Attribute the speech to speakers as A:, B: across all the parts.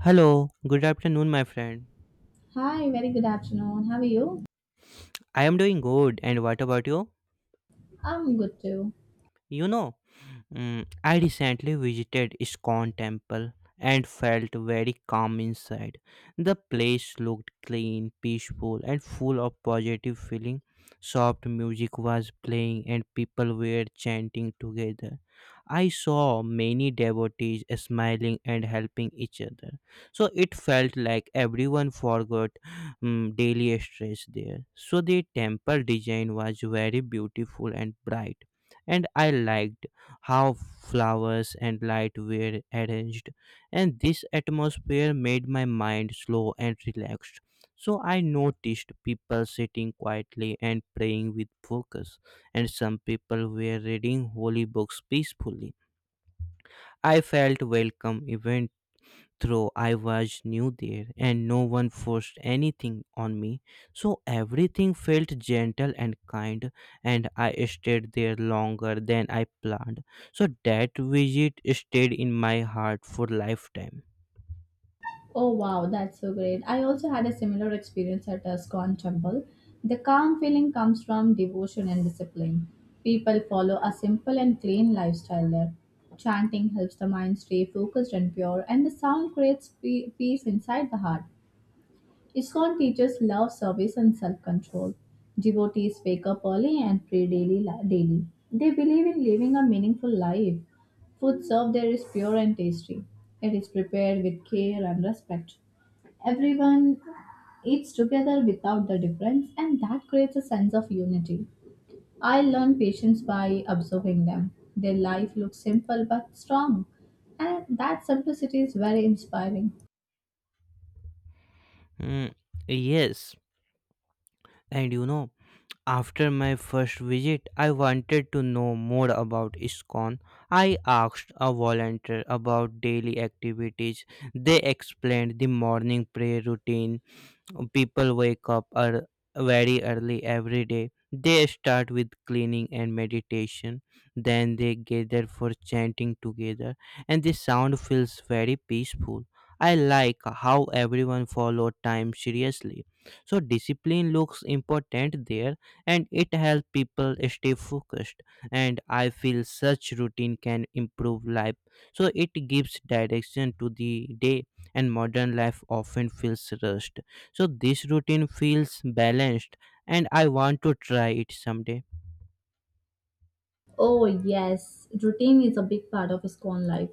A: Hello, good afternoon, my friend.
B: Hi, very good afternoon. How are you?
A: I am doing good, and what about you?
B: I'm good too.
A: You know, I recently visited Iskon temple and felt very calm inside. The place looked clean, peaceful, and full of positive feeling. Soft music was playing and people were chanting together. I saw many devotees smiling and helping each other. So it felt like everyone forgot daily stress there. So the temple design was very beautiful and bright and I liked how flowers and light were arranged, and this atmosphere made my mind slow and relaxed. So I noticed people sitting quietly and praying with focus, and some people were reading holy books peacefully. I felt welcome even though I was new there and no one forced anything on me, so everything felt gentle and kind, and I stayed there longer than I planned. So that visit stayed in my heart for lifetime.
B: Oh wow, that's so great. I also had a similar experience at a SCON temple. The calm feeling comes from devotion and discipline. People follow a simple and clean lifestyle there. Chanting helps the mind stay focused and pure, and the sound creates peace inside the heart. ISKCON teachers love, service, and self control. Devotees wake up early and pray daily. Daily. They believe in living a meaningful life. Food served there is pure and tasty. It is prepared with care and respect. Everyone eats together without the difference, and that creates a sense of unity. I learn patience by observing them. Their life looks simple but strong, and that simplicity is very inspiring.
A: Mm, yes, and you know, after my first visit, I wanted to know more about ISKCON. I asked a volunteer about daily activities. They explained the morning prayer routine. People wake up ear- very early every day. They start with cleaning and meditation. Then they gather for chanting together, and the sound feels very peaceful. I like how everyone follow time seriously. So discipline looks important there and it helps people stay focused and I feel such routine can improve life. So it gives direction to the day and modern life often feels rushed. So this routine feels balanced and I want to try it someday.
B: Oh, yes. Routine is a big part of Scone life.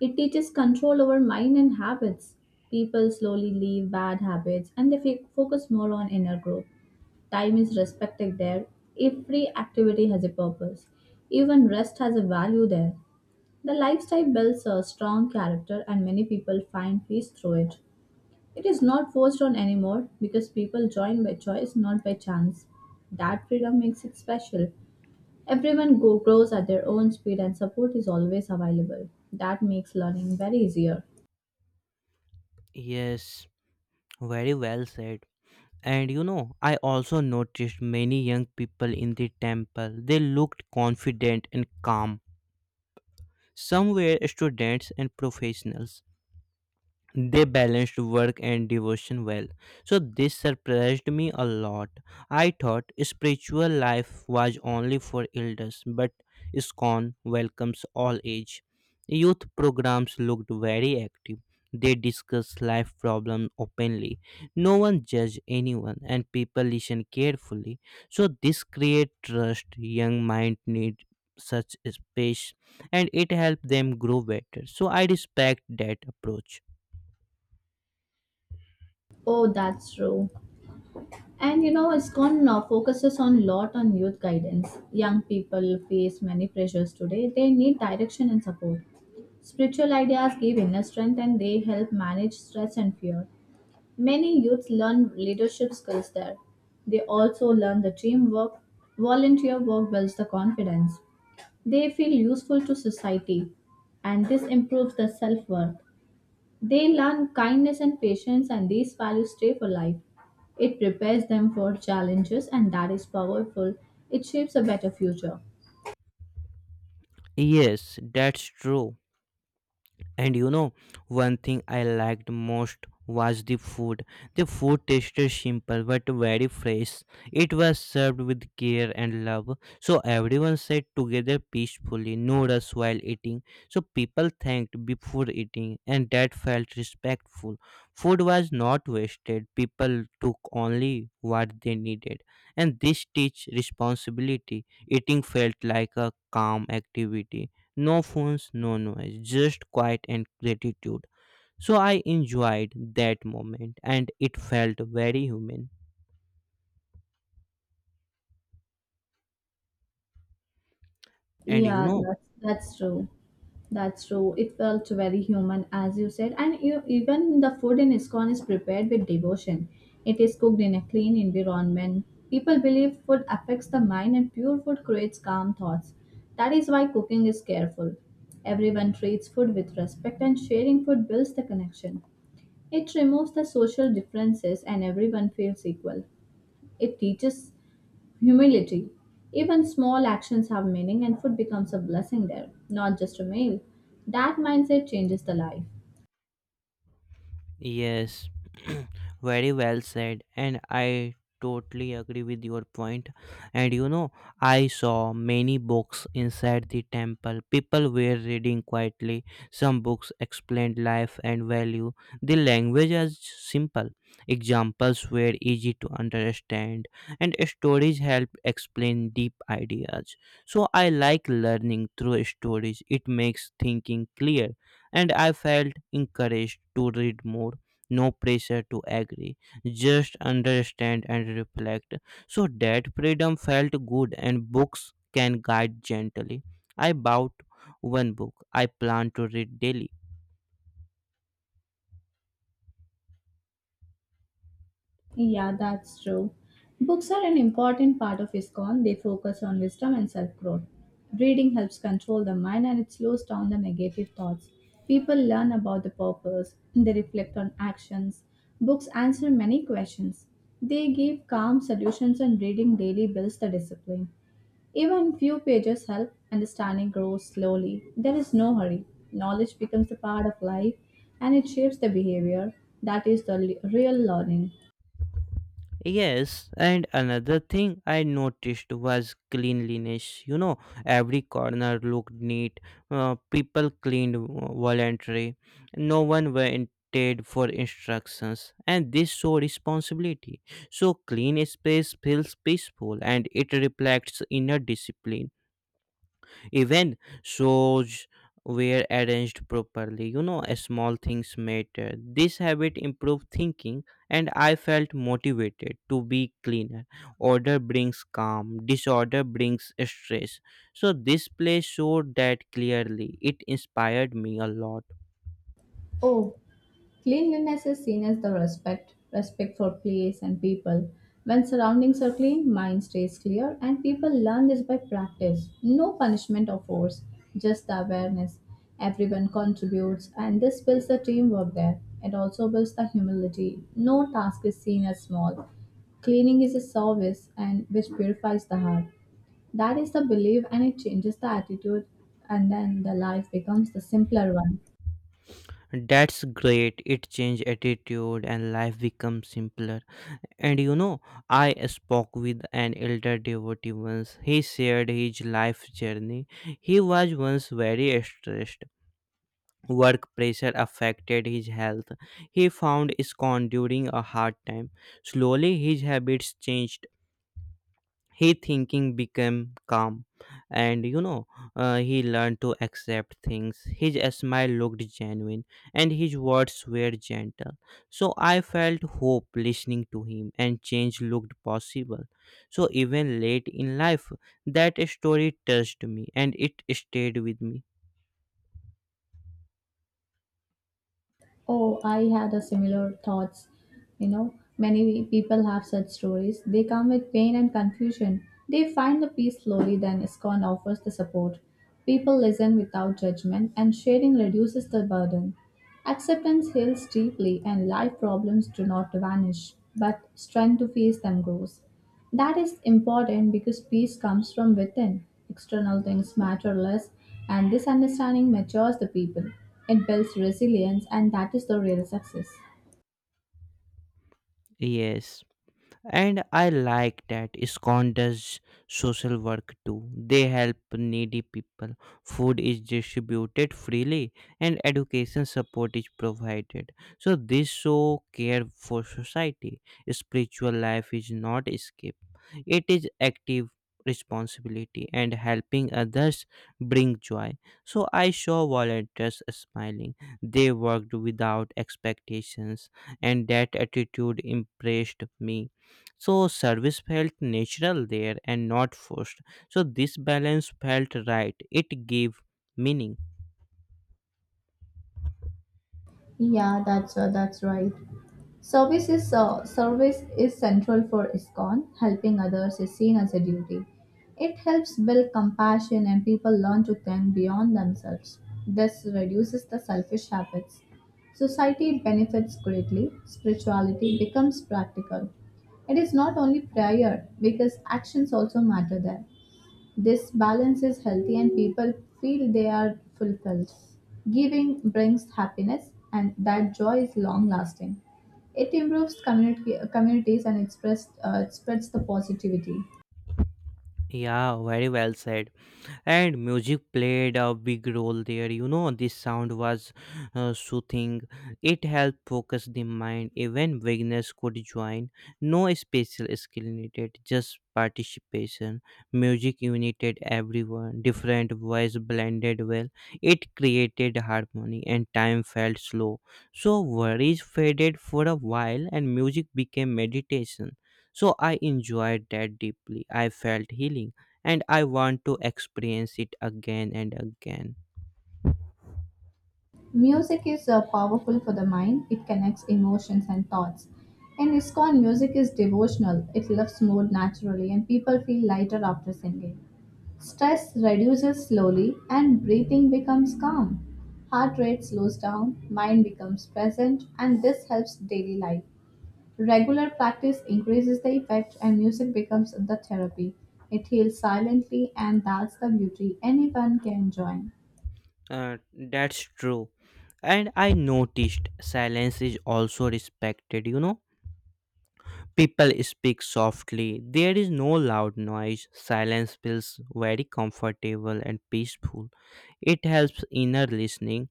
B: It teaches control over mind and habits. People slowly leave bad habits and they focus more on inner growth. Time is respected there. Every activity has a purpose. Even rest has a value there. The lifestyle builds a strong character and many people find peace through it. It is not forced on anymore because people join by choice, not by chance. That freedom makes it special. Everyone grows at their own speed and support is always available. That makes learning very easier.
A: Yes, very well said. And you know, I also noticed many young people in the temple. They looked confident and calm. Some were students and professionals, they balanced work and devotion well. So this surprised me a lot. I thought spiritual life was only for elders, but Iskon welcomes all age. Youth programs looked very active. They discussed life problems openly. No one judged anyone and people listened carefully. So this create trust young mind need such space, and it helped them grow better. So I respect that approach.
B: Oh, that's true. And you know, ISKCON now focuses on lot on youth guidance. Young people face many pressures today. They need direction and support. Spiritual ideas give inner strength and they help manage stress and fear. Many youths learn leadership skills there. They also learn the teamwork. Volunteer work builds the confidence. They feel useful to society, and this improves their self worth. They learn kindness and patience, and these values stay for life. It prepares them for challenges, and that is powerful. It shapes a better future.
A: Yes, that's true. And you know, one thing I liked most was the food. The food tasted simple but very fresh. It was served with care and love. So everyone sat together peacefully, no rush while eating. So people thanked before eating, and that felt respectful. Food was not wasted. People took only what they needed. And this teach responsibility. Eating felt like a calm activity, no phones, no noise, just quiet and gratitude. So I enjoyed that moment and it felt very human. And you
B: Yeah,
A: know,
B: that's true. That's true. It felt very human, as you said, and you, even the food in ISKCON is prepared with devotion. It is cooked in a clean environment. People believe food affects the mind, and pure food creates calm thoughts. That is why cooking is careful. Everyone treats food with respect, and sharing food builds the connection. It removes the social differences, and everyone feels equal. It teaches humility. Even small actions have meaning, and food becomes a blessing there, not just a meal. That mindset changes the life.
A: yes, very well said, and I totally agree with your point. And you know, I saw many books inside the temple. People were reading quietly. Some books explained life and value. The language was simple. Examples were easy to understand, and stories helped explain deep ideas. So I like learning through stories. It makes thinking clear and I felt encouraged to read more. No pressure to agree, just understand and reflect. So that freedom felt good, and books can guide gently. I bought one book I plan to read daily.
B: Yeah, that's true. Books are an important part of ISKCON. They focus on wisdom and self growth. Reading helps control the mind and it slows down the negative thoughts. People learn about the purpose, they reflect on actions. Books answer many questions. They give calm solutions, and reading daily builds the discipline. Even few pages help, understanding grows slowly. There is no hurry. Knowledge becomes a part of life and it shapes the behavior. That is the real learning.
A: Yes, and another thing I noticed was cleanliness. You know, every corner looked neat. People cleaned voluntarily. No one waited for instructions, and this showed responsibility. So, clean space feels peaceful, and it reflects inner discipline. Even shows were arranged properly. You know, small things matter. This habit improved thinking, and I felt motivated to be cleaner. Order brings calm, disorder brings stress. So, this play showed that clearly. It inspired me a lot.
B: Oh, cleanliness is seen as the respect, respect for place and people. When surroundings are clean, mind stays clear, and people learn this by practice. No punishment or force, just the awareness. Everyone contributes, and this builds the teamwork there. It also builds the humility. No task is seen as small. Cleaning is a service, and which purifies the heart. That is the belief, and it changes the attitude, and then the life becomes the simpler one.
A: That's great. It changed attitude, and life becomes simpler. And you know, I spoke with an elder devotee once. He shared his life journey. He was once very stressed. Work pressure affected his health. He found scorn during a hard time. Slowly, his habits changed. He thinking became calm, and he learned to accept things. His smile looked genuine, and his words were gentle. So I felt hope listening to him, and change looked possible. So even late in life, that story touched me, and it stayed with me.
B: Oh, I had a similar thoughts. You know, many people have such stories. They come with pain and confusion. They find the peace slowly, then ISKCON offers the support. People listen without judgment, and sharing reduces the burden. Acceptance heals deeply, and life problems do not vanish, but strength to face them grows. That is important because peace comes from within. External things matter less, and this understanding matures the people. It builds resilience, and that is the real success.
A: Yes. And I like that ISKCON does social work too. They help needy people. Food is distributed freely and education support is provided. So this show care for society. Spiritual life is not escape. It is active responsibility and helping others bring joy. So I saw volunteers smiling. They worked without expectations and that attitude impressed me, so service felt natural there and not forced. So this balance felt right. It gave meaning.
B: Yeah, that's right. Service is central for ISKCON. Helping others is seen as a duty. It helps build compassion and people learn to think beyond themselves. This reduces the selfish habits. Society benefits greatly. Spirituality becomes practical. It is not only prayer because actions also matter there. This balance is healthy and people feel they are fulfilled. Giving brings happiness and that joy is long lasting. It improves community, communities and it spreads the positivity.
A: Yeah, very well said. And music played a big role there. You know, this sound was soothing. It helped focus the mind. Even beginners could join, no special skill needed, just participation. Music united everyone, different voice blended well. It created harmony and time felt slow. So worries faded for a while and music became meditation. So I enjoyed that deeply, I felt healing, and I want to experience it again and again.
B: Music is powerful for the mind, it connects emotions and thoughts. In ISKCON, music is devotional, it lifts mood naturally, and people feel lighter after singing. Stress reduces slowly and breathing becomes calm. Heart rate slows down, mind becomes present, and this helps daily life. Regular practice increases the effect, and music becomes the therapy. It heals silently, and that's the beauty anyone can join.
A: That's true. And I noticed silence is also respected, you know. People speak softly, there is no loud noise. Silence feels very comfortable and peaceful. It helps inner listening.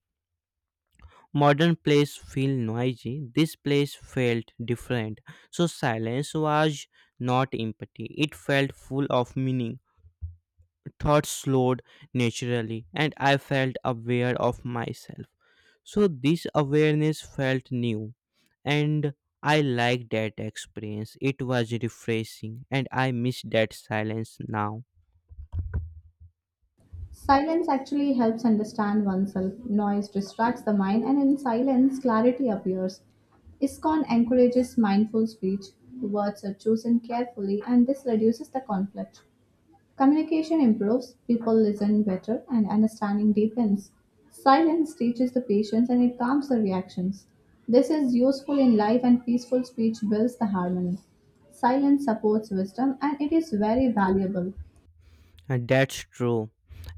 A: Modern plays feel noisy. This place felt different. So silence was not empty. It felt full of meaning. Thoughts slowed naturally, and I felt aware of myself. So, this awareness felt new, and I liked that experience. It was refreshing, and I miss that silence now.
B: Silence actually helps understand oneself. Noise distracts the mind, and in silence, clarity appears. ISKCON encourages mindful speech. Words are chosen carefully, and this reduces the conflict. Communication improves, people listen better, and understanding deepens. Silence teaches the patience and it calms the reactions. This is useful in life, and peaceful speech builds the harmony. Silence supports wisdom, and it is very valuable.
A: And that's true.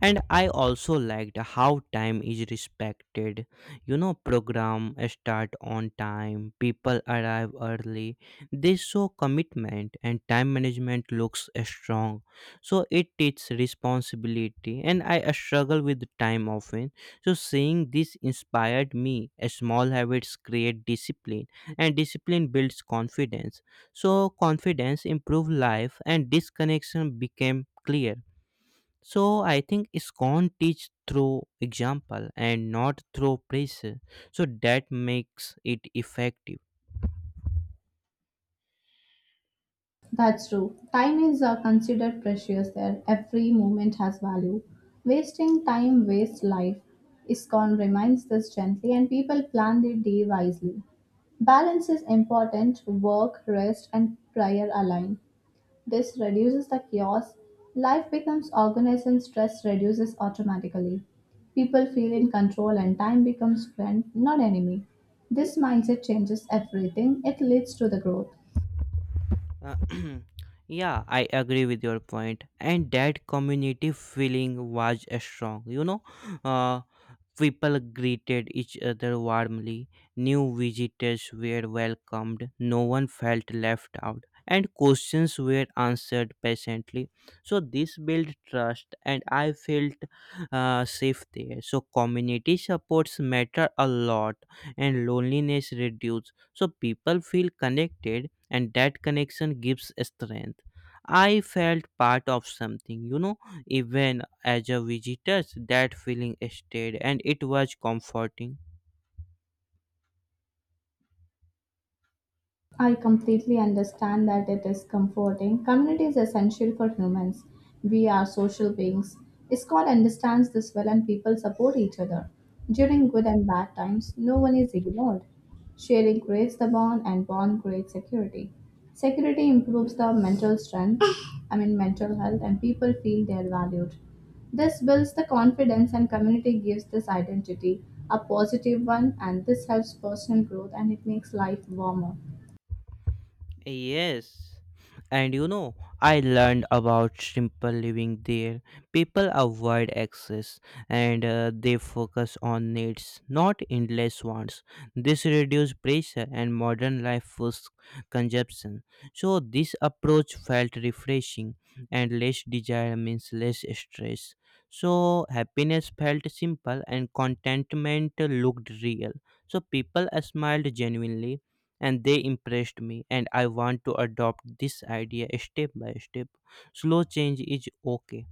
A: And I also liked how time is respected. You know, program start on time, people arrive early. They show commitment and time management looks strong. So it teaches responsibility and I struggle with time often. So seeing this inspired me. Small habits create discipline and discipline builds confidence. So confidence improve life and this connection became clear. So I think ISKCON teach through example and not through pressure. So that makes it effective.
B: That's true. Time is considered precious there. Every moment has value. Wasting time wastes life. ISKCON reminds this gently, and people plan their day wisely. Balance is important. Work, rest, and prayer align. This reduces the chaos. Life becomes organized, and stress reduces automatically. People feel in control, and time becomes friend, not enemy. This mindset changes everything. It leads to the growth.
A: Uh, yeah, I agree with your point. And that community feeling was strong. Uh, People greeted each other warmly. New visitors were welcomed. No one felt left out. And questions were answered patiently. So this built trust, and I felt safe there. So community supports matter a lot, and loneliness reduced. So people feel connected and that connection gives strength. I felt part of something, you know, even as a visitor, that feeling stayed and it was comforting.
B: I completely understand that it is comforting. Community is essential for humans. We are social beings. ISKCON understands this well and people support each other. During good and bad times, no one is ignored. Sharing creates the bond and bond creates security. Security improves the mental strength, I mean mental health, and people feel they are valued. This builds the confidence and community gives this identity a positive one and this helps personal growth and it makes life warmer.
A: Yes. And you know, I learned about simple living there. People avoid excess and they focus on needs, not endless wants. This reduces pressure and modern life foods consumption. So, this approach felt refreshing and less desire means less stress. So, happiness felt simple and contentment looked real. So, people smiled genuinely and they impressed me, and I want to adopt this idea step by step. Slow change is okay.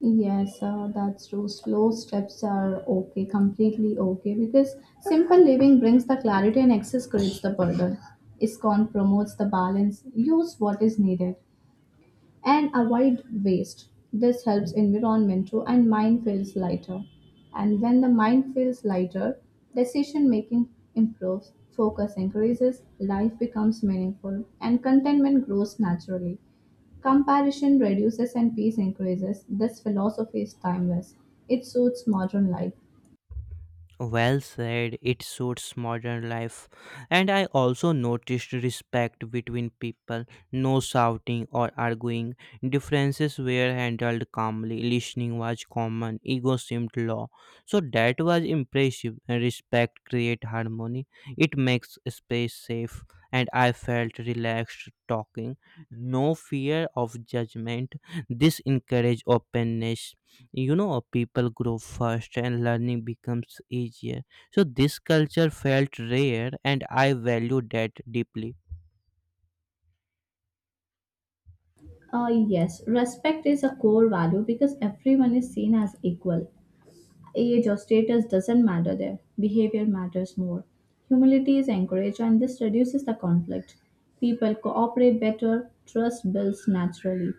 B: Yes, that's true. Slow steps are okay, completely okay, because simple living brings the clarity and excess creates the burden. ISKCON promotes the balance, use what is needed and avoid waste. This helps environment too, and mind feels lighter. And when the mind feels lighter, decision making improves, focus increases, life becomes meaningful, and contentment grows naturally. Comparison reduces and peace increases. This philosophy is timeless. It suits modern life.
A: Well said, it suits modern life. And I also noticed respect between people, no shouting or arguing. Differences were handled calmly, listening was common, ego seemed low. So that was impressive. Respect creates harmony, it makes space safe, and I felt relaxed talking. No fear of judgment. This encouraged openness. You know, people grow fast and learning becomes easier. So this culture felt rare and I value that deeply.
B: Yes, respect is a core value because everyone is seen as equal. Age or status doesn't matter there. Behavior matters more. Humility is encouraged and this reduces the conflict. People cooperate better, trust builds naturally.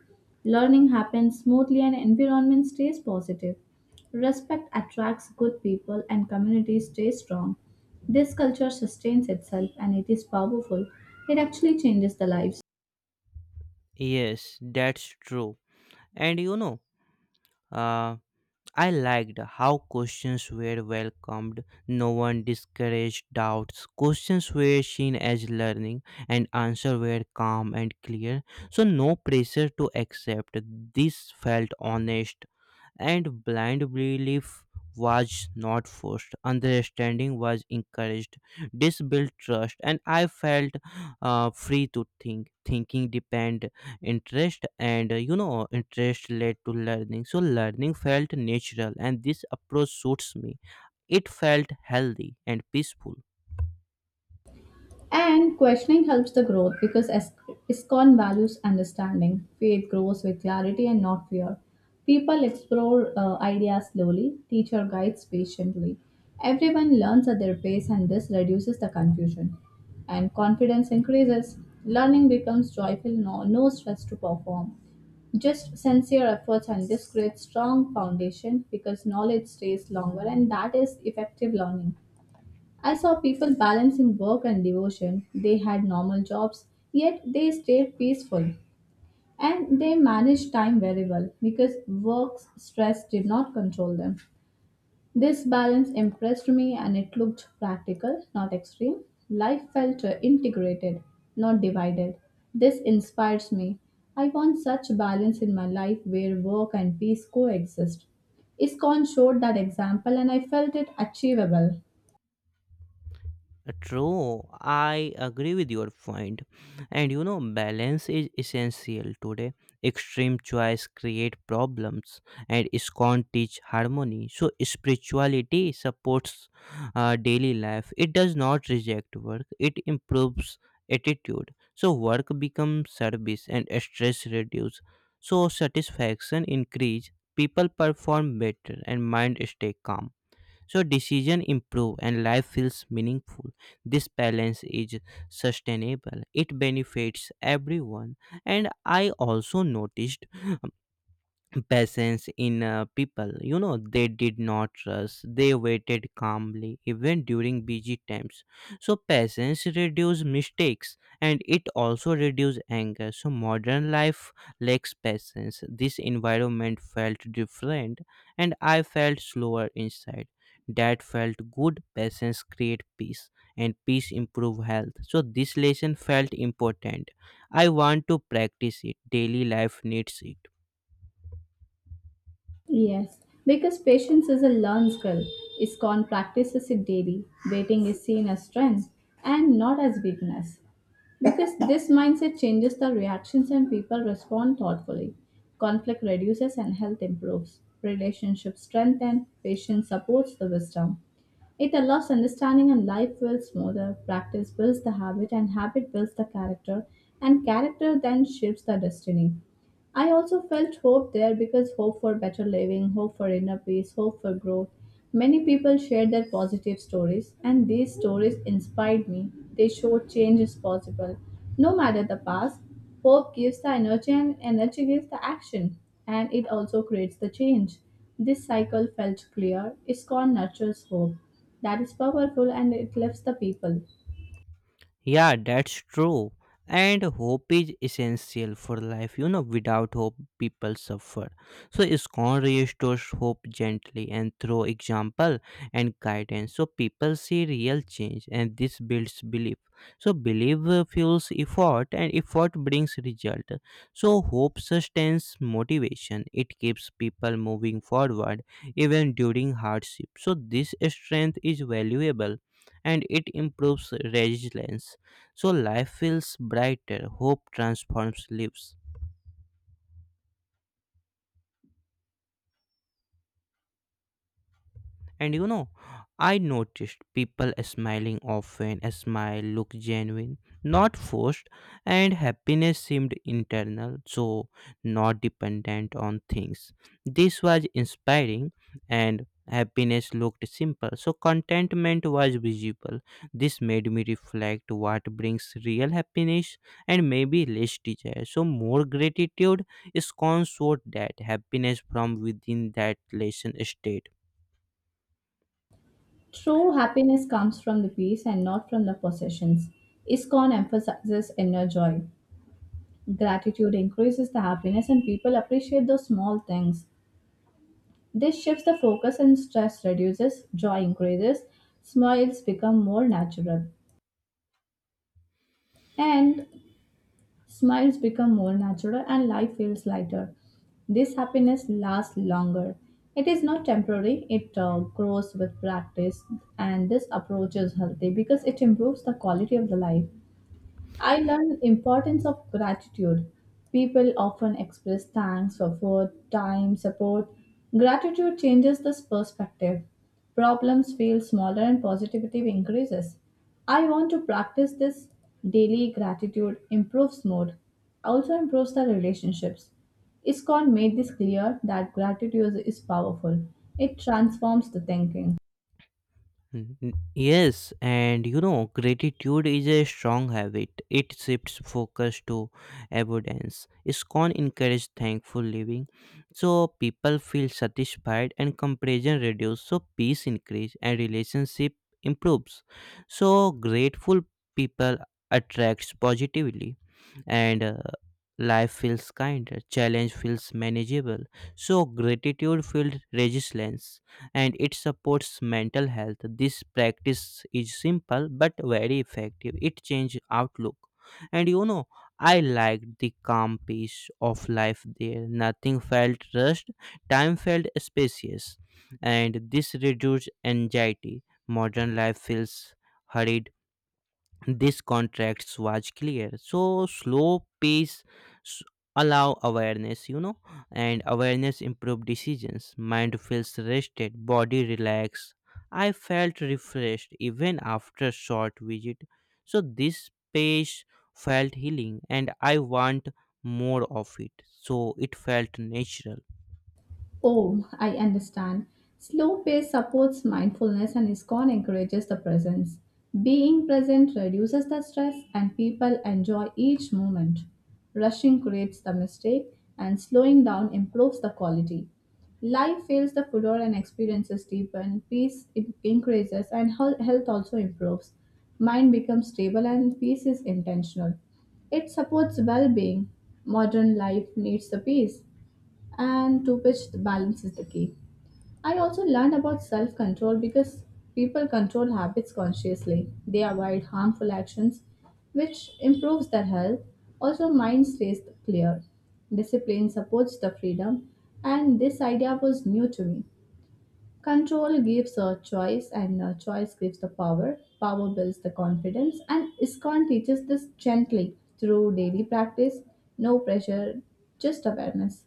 B: Learning happens smoothly and environment stays positive. Respect attracts good people and communities stay strong. This culture sustains itself and it is powerful. It actually changes the lives.
A: Yes, that's true. And uh, I liked how questions were welcomed. No one discouraged doubts, questions were seen as learning, and answers were calm and clear. So no pressure to accept, this felt honest. And blind belief was not forced, understanding was encouraged. This built trust and I felt free to think. Thinking depend interest, and interest led to learning. So learning felt natural and this approach suits me. It felt healthy and peaceful.
B: And questioning helps the growth because ISKCON values understanding. Faith grows with clarity and not fear. People explore ideas slowly, teacher guides patiently. Everyone learns at their pace, and this reduces the confusion. And confidence increases. Learning becomes joyful, no stress to perform. Just sincere efforts, and this creates strong foundation because knowledge stays longer, and that is effective learning. I saw people balancing work and devotion. They had normal jobs, yet they stayed peaceful and they managed time very well because work stress did not control them. This balance impressed me and it looked practical, not extreme. Life felt integrated, not divided. This inspires me. I want such balance in my life where work and peace coexist. ISKCON showed that example and I felt it achievable.
A: True, I agree with your point. And you know, balance is essential today. Extreme choice create problems, and scorn teach harmony. So spirituality supports daily life. It does not reject work. It improves attitude. So work becomes service, and stress reduce. So satisfaction increase. People perform better, and mind stay calm. So decision improve and life feels meaningful. This balance is sustainable, it benefits everyone. And I also noticed patience in people. You know, they did not rush. They waited calmly, even during busy times. So patience reduces mistakes and it also reduces anger. So modern life lacks patience. This environment felt different and I felt slower inside. That felt good. Patience create peace and peace improve health. So this lesson felt important. I want to practice it. Daily life needs it.
B: Yes, because patience is a learned skill. ISKCON practices it daily. Waiting is seen as strength and not as weakness. Because this mindset changes the reactions and people respond thoughtfully. Conflict reduces and health improves. Relationships strengthen, patience supports the wisdom. It allows understanding and life feels smoother. Practice builds the habit, and habit builds the character, and character then shapes the destiny. I also felt hope there because hope for better living, hope for inner peace, hope for growth. Many people shared their positive stories, and these stories inspired me. They showed change is possible. No matter the past, hope gives the energy, and energy gives the action, and it also creates the change. This cycle felt clear. Iskcon nurtures hope. That is powerful and it lifts the people.
A: Yeah, that's true. And hope is essential for life. You know, without hope, people suffer. So, ISKCON restores hope gently and through example and guidance. So, people see real change and this builds belief. So, belief fuels effort and effort brings result. So, hope sustains motivation. It keeps people moving forward even during hardship. So, this strength is valuable and it improves resilience. So life feels brighter, hope transforms lives. And you know, I noticed people smiling often. A smile looked genuine, not forced, and happiness seemed internal, so not dependent on things. This was inspiring, and happiness looked simple, so contentment was visible. This made me reflect what brings real happiness and maybe less desire. So, more gratitude is consort that happiness from within that lesson state.
B: True happiness comes from the peace and not from the possessions. ISKCON emphasizes inner joy. Gratitude increases the happiness and people appreciate those small things. This shifts the focus and stress reduces, joy increases, smiles become more natural. And smiles become more natural and life feels lighter. This happiness lasts longer. It is not temporary, it grows with practice, and this approach is healthy because it improves the quality of the life. I learned importance of gratitude. People often express thanks for food, time, support. Gratitude changes this perspective. Problems feel smaller and positivity increases. I want to practice this daily gratitude improves mood, also improves the relationships. ISKCON made this clear that gratitude is powerful. It transforms the thinking.
A: Yes, and you know, gratitude is a strong habit. It shifts focus to abundance. Scorn encourages thankful living, so people feel satisfied and comparison reduces, so peace increases and relationship improves. So grateful people attracts positively and life feels kind, challenge feels manageable, so gratitude feels resilience and it supports mental health. This practice is simple but very effective. It changes outlook. And you know, I liked the calm peace of life there. Nothing felt rushed, time felt spacious, and this reduced anxiety. Modern life feels hurried. This contrast was clear. So slow pace s- allow awareness, you know, and awareness improve decisions. Mind feels rested, body relaxed. I felt refreshed even after short visit. So this pace felt healing and I want more of it, so it felt natural.
B: Oh, I understand. Slow pace supports mindfulness and ISKCON encourages the presence. Being present reduces the stress and people enjoy each moment. Rushing creates the mistake and slowing down improves the quality. Life feels the fuller, and experiences deepen, increases, and health also improves. Mind becomes stable and peace is intentional. It supports well being. Modern life needs the peace and to which the balance is the key. I also learned about self control because people control habits consciously. They avoid harmful actions, which improves their health. Also, mind stays clear. Discipline supports the freedom, and this idea was new to me. Control gives a choice, and a choice gives the power. Power builds the confidence, and ISKCON teaches this gently through daily practice. No pressure, just awareness.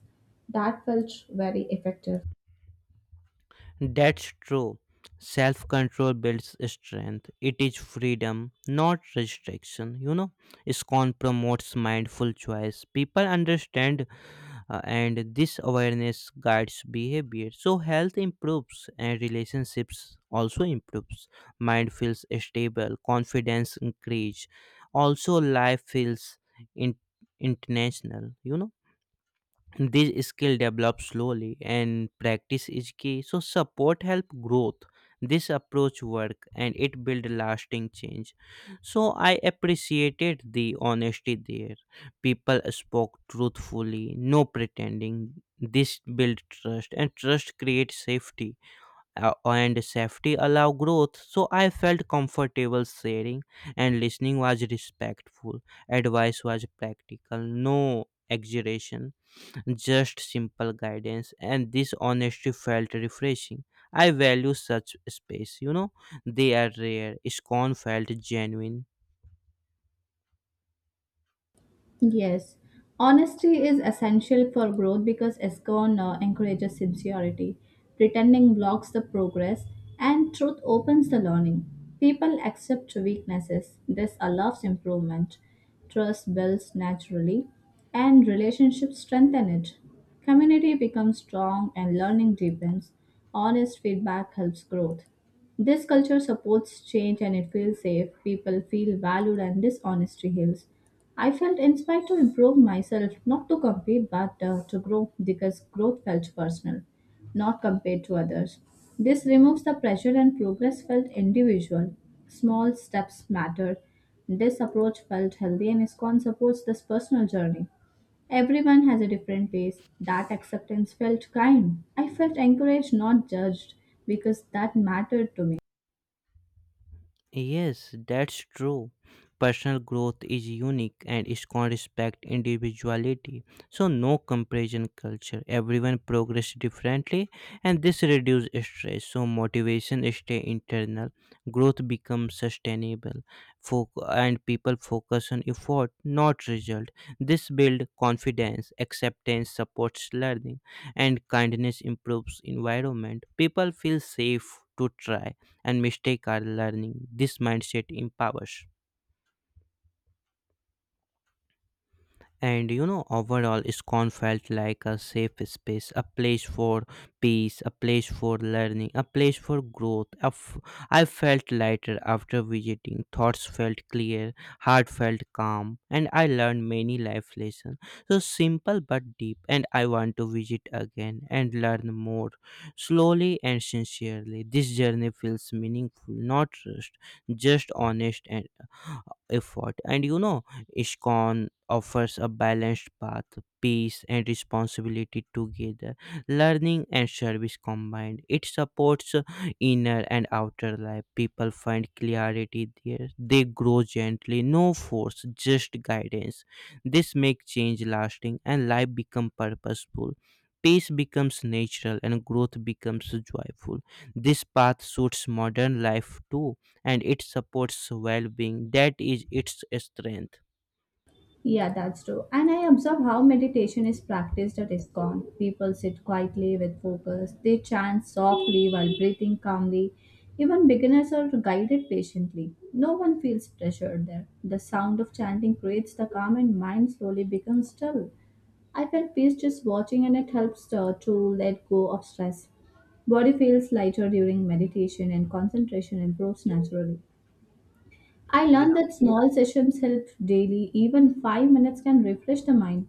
B: That felt very effective.
A: That's true. Self control builds strength. It is freedom, not restriction. You know, ISKCON promotes mindful choice. People understand, and this awareness guides behavior. So, health improves and relationships also improves. Mind feels stable, confidence increase. Also, life feels in- intentional, you know. This skill develops slowly and practice is key. So support help growth. This approach work and it build lasting change. So I appreciated the honesty there. People spoke truthfully, no pretending. This build trust and trust creates safety, and safety allow growth. So I felt comfortable sharing and listening was respectful. Advice was practical, no exaggeration, just simple guidance, and this honesty felt refreshing. I value such space, you know, they are rare. Scorn felt genuine.
B: Yes, honesty is essential for growth because SCON encourages sincerity. Pretending blocks the progress, and truth opens the learning. People accept weaknesses. This allows improvement. Trust builds naturally, and relationships strengthen it. Community becomes strong, and learning deepens. Honest feedback helps growth. This culture supports change and it feels safe. People feel valued, and this honesty heals. I felt inspired to improve myself, not to compete, but to grow because growth felt personal, not compared to others. This removes the pressure and progress felt individual. Small steps mattered. This approach felt healthy and ISKCON supports this personal journey. Everyone has a different pace. That acceptance felt kind. I felt encouraged, not judged, because that mattered to me.
A: Yes, that's true. Personal growth is unique and it can respect individuality. So no comparison culture. Everyone progress differently and this reduces stress. So motivation stay internal. Growth becomes sustainable. And people focus on effort, not result. This builds confidence, acceptance supports learning, and kindness improves environment. People feel safe to try and mistakes are learning. This mindset empowers. And you know, overall, ISKCON felt like a safe space, a place for peace, a place for learning, a place for growth. I felt lighter after visiting, thoughts felt clear, heart felt calm, and I learned many life lessons. So simple but deep, and I want to visit again and learn more, slowly and sincerely. This journey feels meaningful, not rushed, just honest and uh, effort. And you know, ISKCON offers a balanced path, peace and responsibility together, learning and service combined. It supports inner and outer life. People find clarity there. They grow gently, no force, just guidance. This makes change lasting and life become purposeful. Peace becomes natural and growth becomes joyful. This path suits modern life too, and it supports well being. That is its strength.
B: Yeah, that's true. And I observe how meditation is practiced at ISKCON. People sit quietly with focus, they chant softly while breathing calmly. Even beginners are guided patiently. No one feels pressured there. The sound of chanting creates the calm, and mind slowly becomes still. I felt peace just watching, and it helps to let go of stress. Body feels lighter during meditation, and concentration improves naturally. I
A: Yeah,
B: learned that small sessions help daily, even 5 minutes can refresh the mind.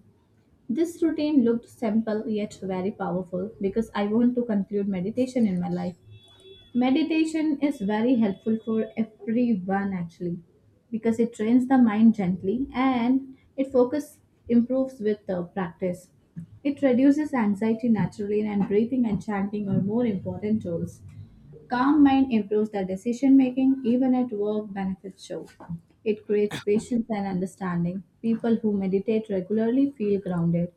B: This routine looked simple yet very powerful because I want to conclude meditation in my life. Meditation is very helpful for everyone actually because it trains the mind gently and it focus improves with the practice. It reduces anxiety naturally and breathing and chanting are more important tools. Calm mind improves the decision making, even at work, benefits show. It creates patience and understanding. People who meditate regularly feel grounded.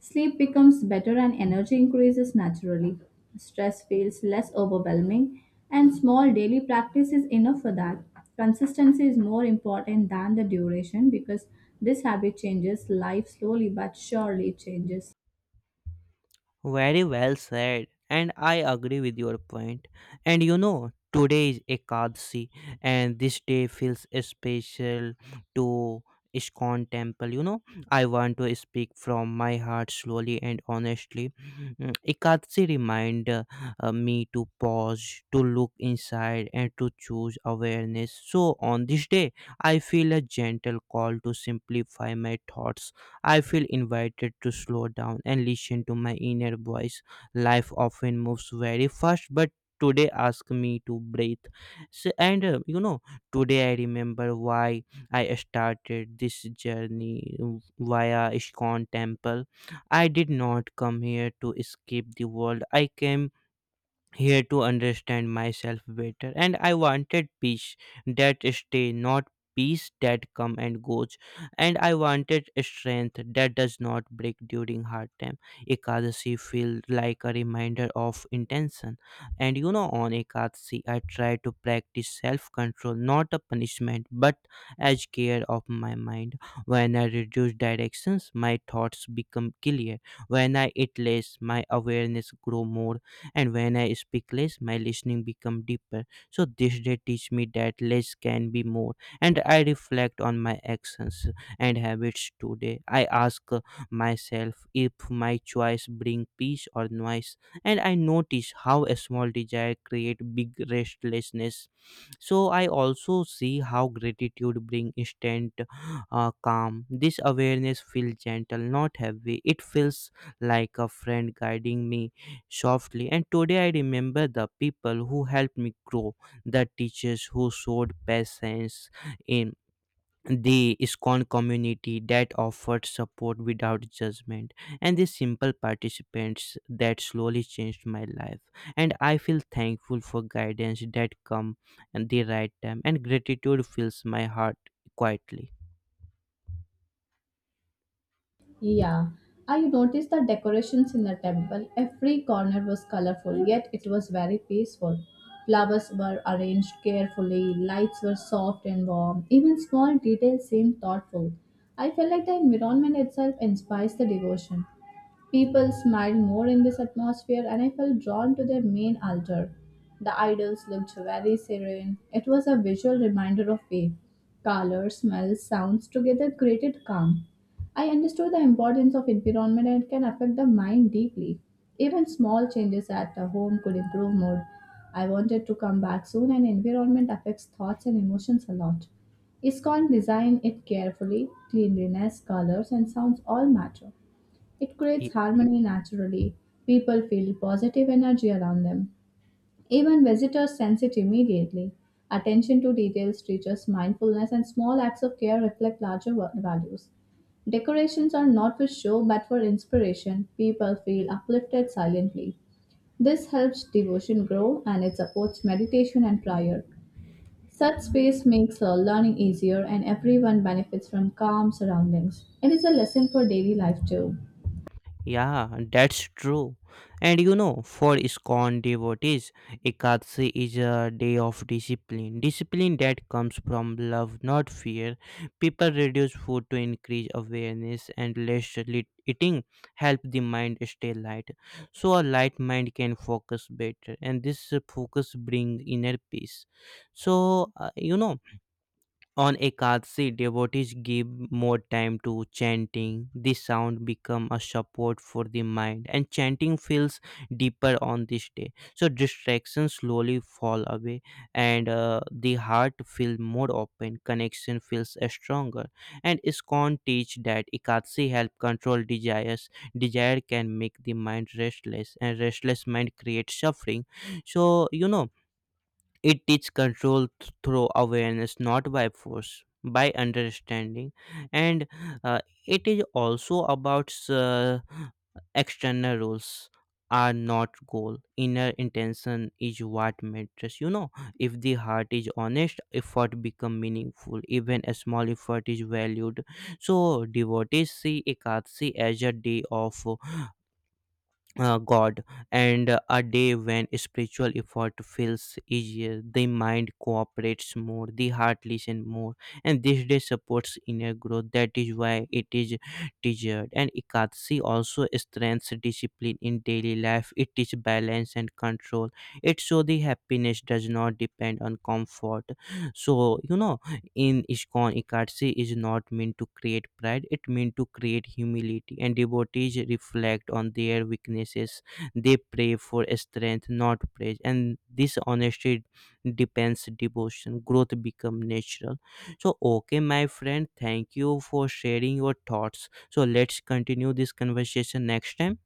B: Sleep becomes better and energy increases naturally. Stress feels less overwhelming, and small daily practice is enough for that. Consistency is more important than the duration because this habit changes life slowly but surely changes.
A: very well said. And I agree with your point. And you know, today is Ekadasi, and this day feels special to Iskon temple. You know, I want to speak from my heart slowly and honestly. Mm, Ekadasi remind me to pause, to look inside, and to choose awareness. So on this day, I feel a gentle call to simplify my thoughts. I feel invited to slow down and listen to my inner voice. Life often moves very fast, but today asked me to breathe. So, and you know, today I remember why I started this journey via Ishkon Temple. I did not come here to escape the world. I came here to understand myself better, and I wanted peace that stay, not peace that come and goes, and I wanted strength that does not break during hard time. Ekadasi feel like a reminder of intention. And you know, on Ekadasi I try to practice self control, not a punishment but as care of my mind. When I reduce directions, my thoughts become clear. When I eat less, my awareness grow more, and when I speak less, my listening become deeper. So this day teach me that less can be more, and I reflect on my actions and habits today. I ask myself if my choice bring peace or noise, and I notice how a small desire create big restlessness. So I also see how gratitude bring instant calm. This awareness feels gentle, not heavy. It feels like a friend guiding me softly. And today I remember the people who helped me grow, the teachers who showed patience in the ISKCON community that offered support without judgment, and the simple participants that slowly changed my life. And I feel thankful for guidance that come at the right time, and gratitude fills my heart quietly.
B: Yeah, I noticed the decorations in the temple. Every corner was colorful, yet it was very peaceful. Flowers were arranged carefully, lights were soft and warm, even small details seemed thoughtful. I felt like the environment itself inspires the devotion. People smiled more in this atmosphere, and I felt drawn to their main altar. The idols looked very serene. It was a visual reminder of faith. Colors, smells, sounds together created calm. I understood the importance of environment and it can affect the mind deeply. Even small changes at the home could improve mood. I wanted to come back soon, and environment affects thoughts and emotions a lot. ISKCON designed it carefully, cleanliness, colors, and sounds all matter. It creates harmony naturally. People feel positive energy around them. Even visitors sense it immediately. Attention to details teaches mindfulness, and small acts of care reflect larger values. Decorations are not for show but for inspiration. People feel uplifted silently. This helps devotion grow and it supports meditation and prayer. Such space makes learning easier and everyone benefits from calm surroundings. It is a lesson for daily life too.
A: Yeah, that's true. And you know, for ISKCON devotees, Ekadashi is a day of discipline. Discipline that comes from love, not fear. People reduce food to increase awareness, and eating help the mind stay light. So a light mind can focus better, and this focus bring inner peace. So you know. On Ekadasi, devotees give more time to chanting. This sound become a support for the mind, and chanting feels deeper on this day. So distractions slowly fall away, and the heart feels more open. Connection feels stronger, and ISKCON teach that Ekadasi help control desires. Desire can make the mind restless, and restless mind creates suffering. So you know, it is controlled through awareness, not by force, by understanding. And uh, it is also about external rules are not goal, inner intention is what matters, you know. If the heart is honest, effort become meaningful. Even a small effort is valued. So devotees see Ekadasi as a day of God, and a day when spiritual effort feels easier, the mind cooperates more, the heart listens more, and this day supports inner growth. That is why it is treasured. And Ekadasi also strengthens discipline in daily life. It is balance and control. It so the happiness does not depend on comfort. So, you know, in Iskon, Ekadasi is not meant to create pride, it meant to create humility. And devotees reflect on their weaknesses. They pray for strength, not praise. And this honesty depends devotion. Growth become natural. So, okay, my friend, thank you for sharing your thoughts. So, let's continue this conversation next time.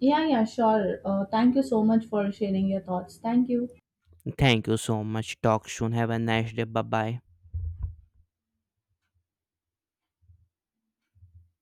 B: Yeah, yeah, sure. Thank you so much for sharing your thoughts. Thank you.
A: Thank you so much. Talk soon. Have a nice day. Bye bye.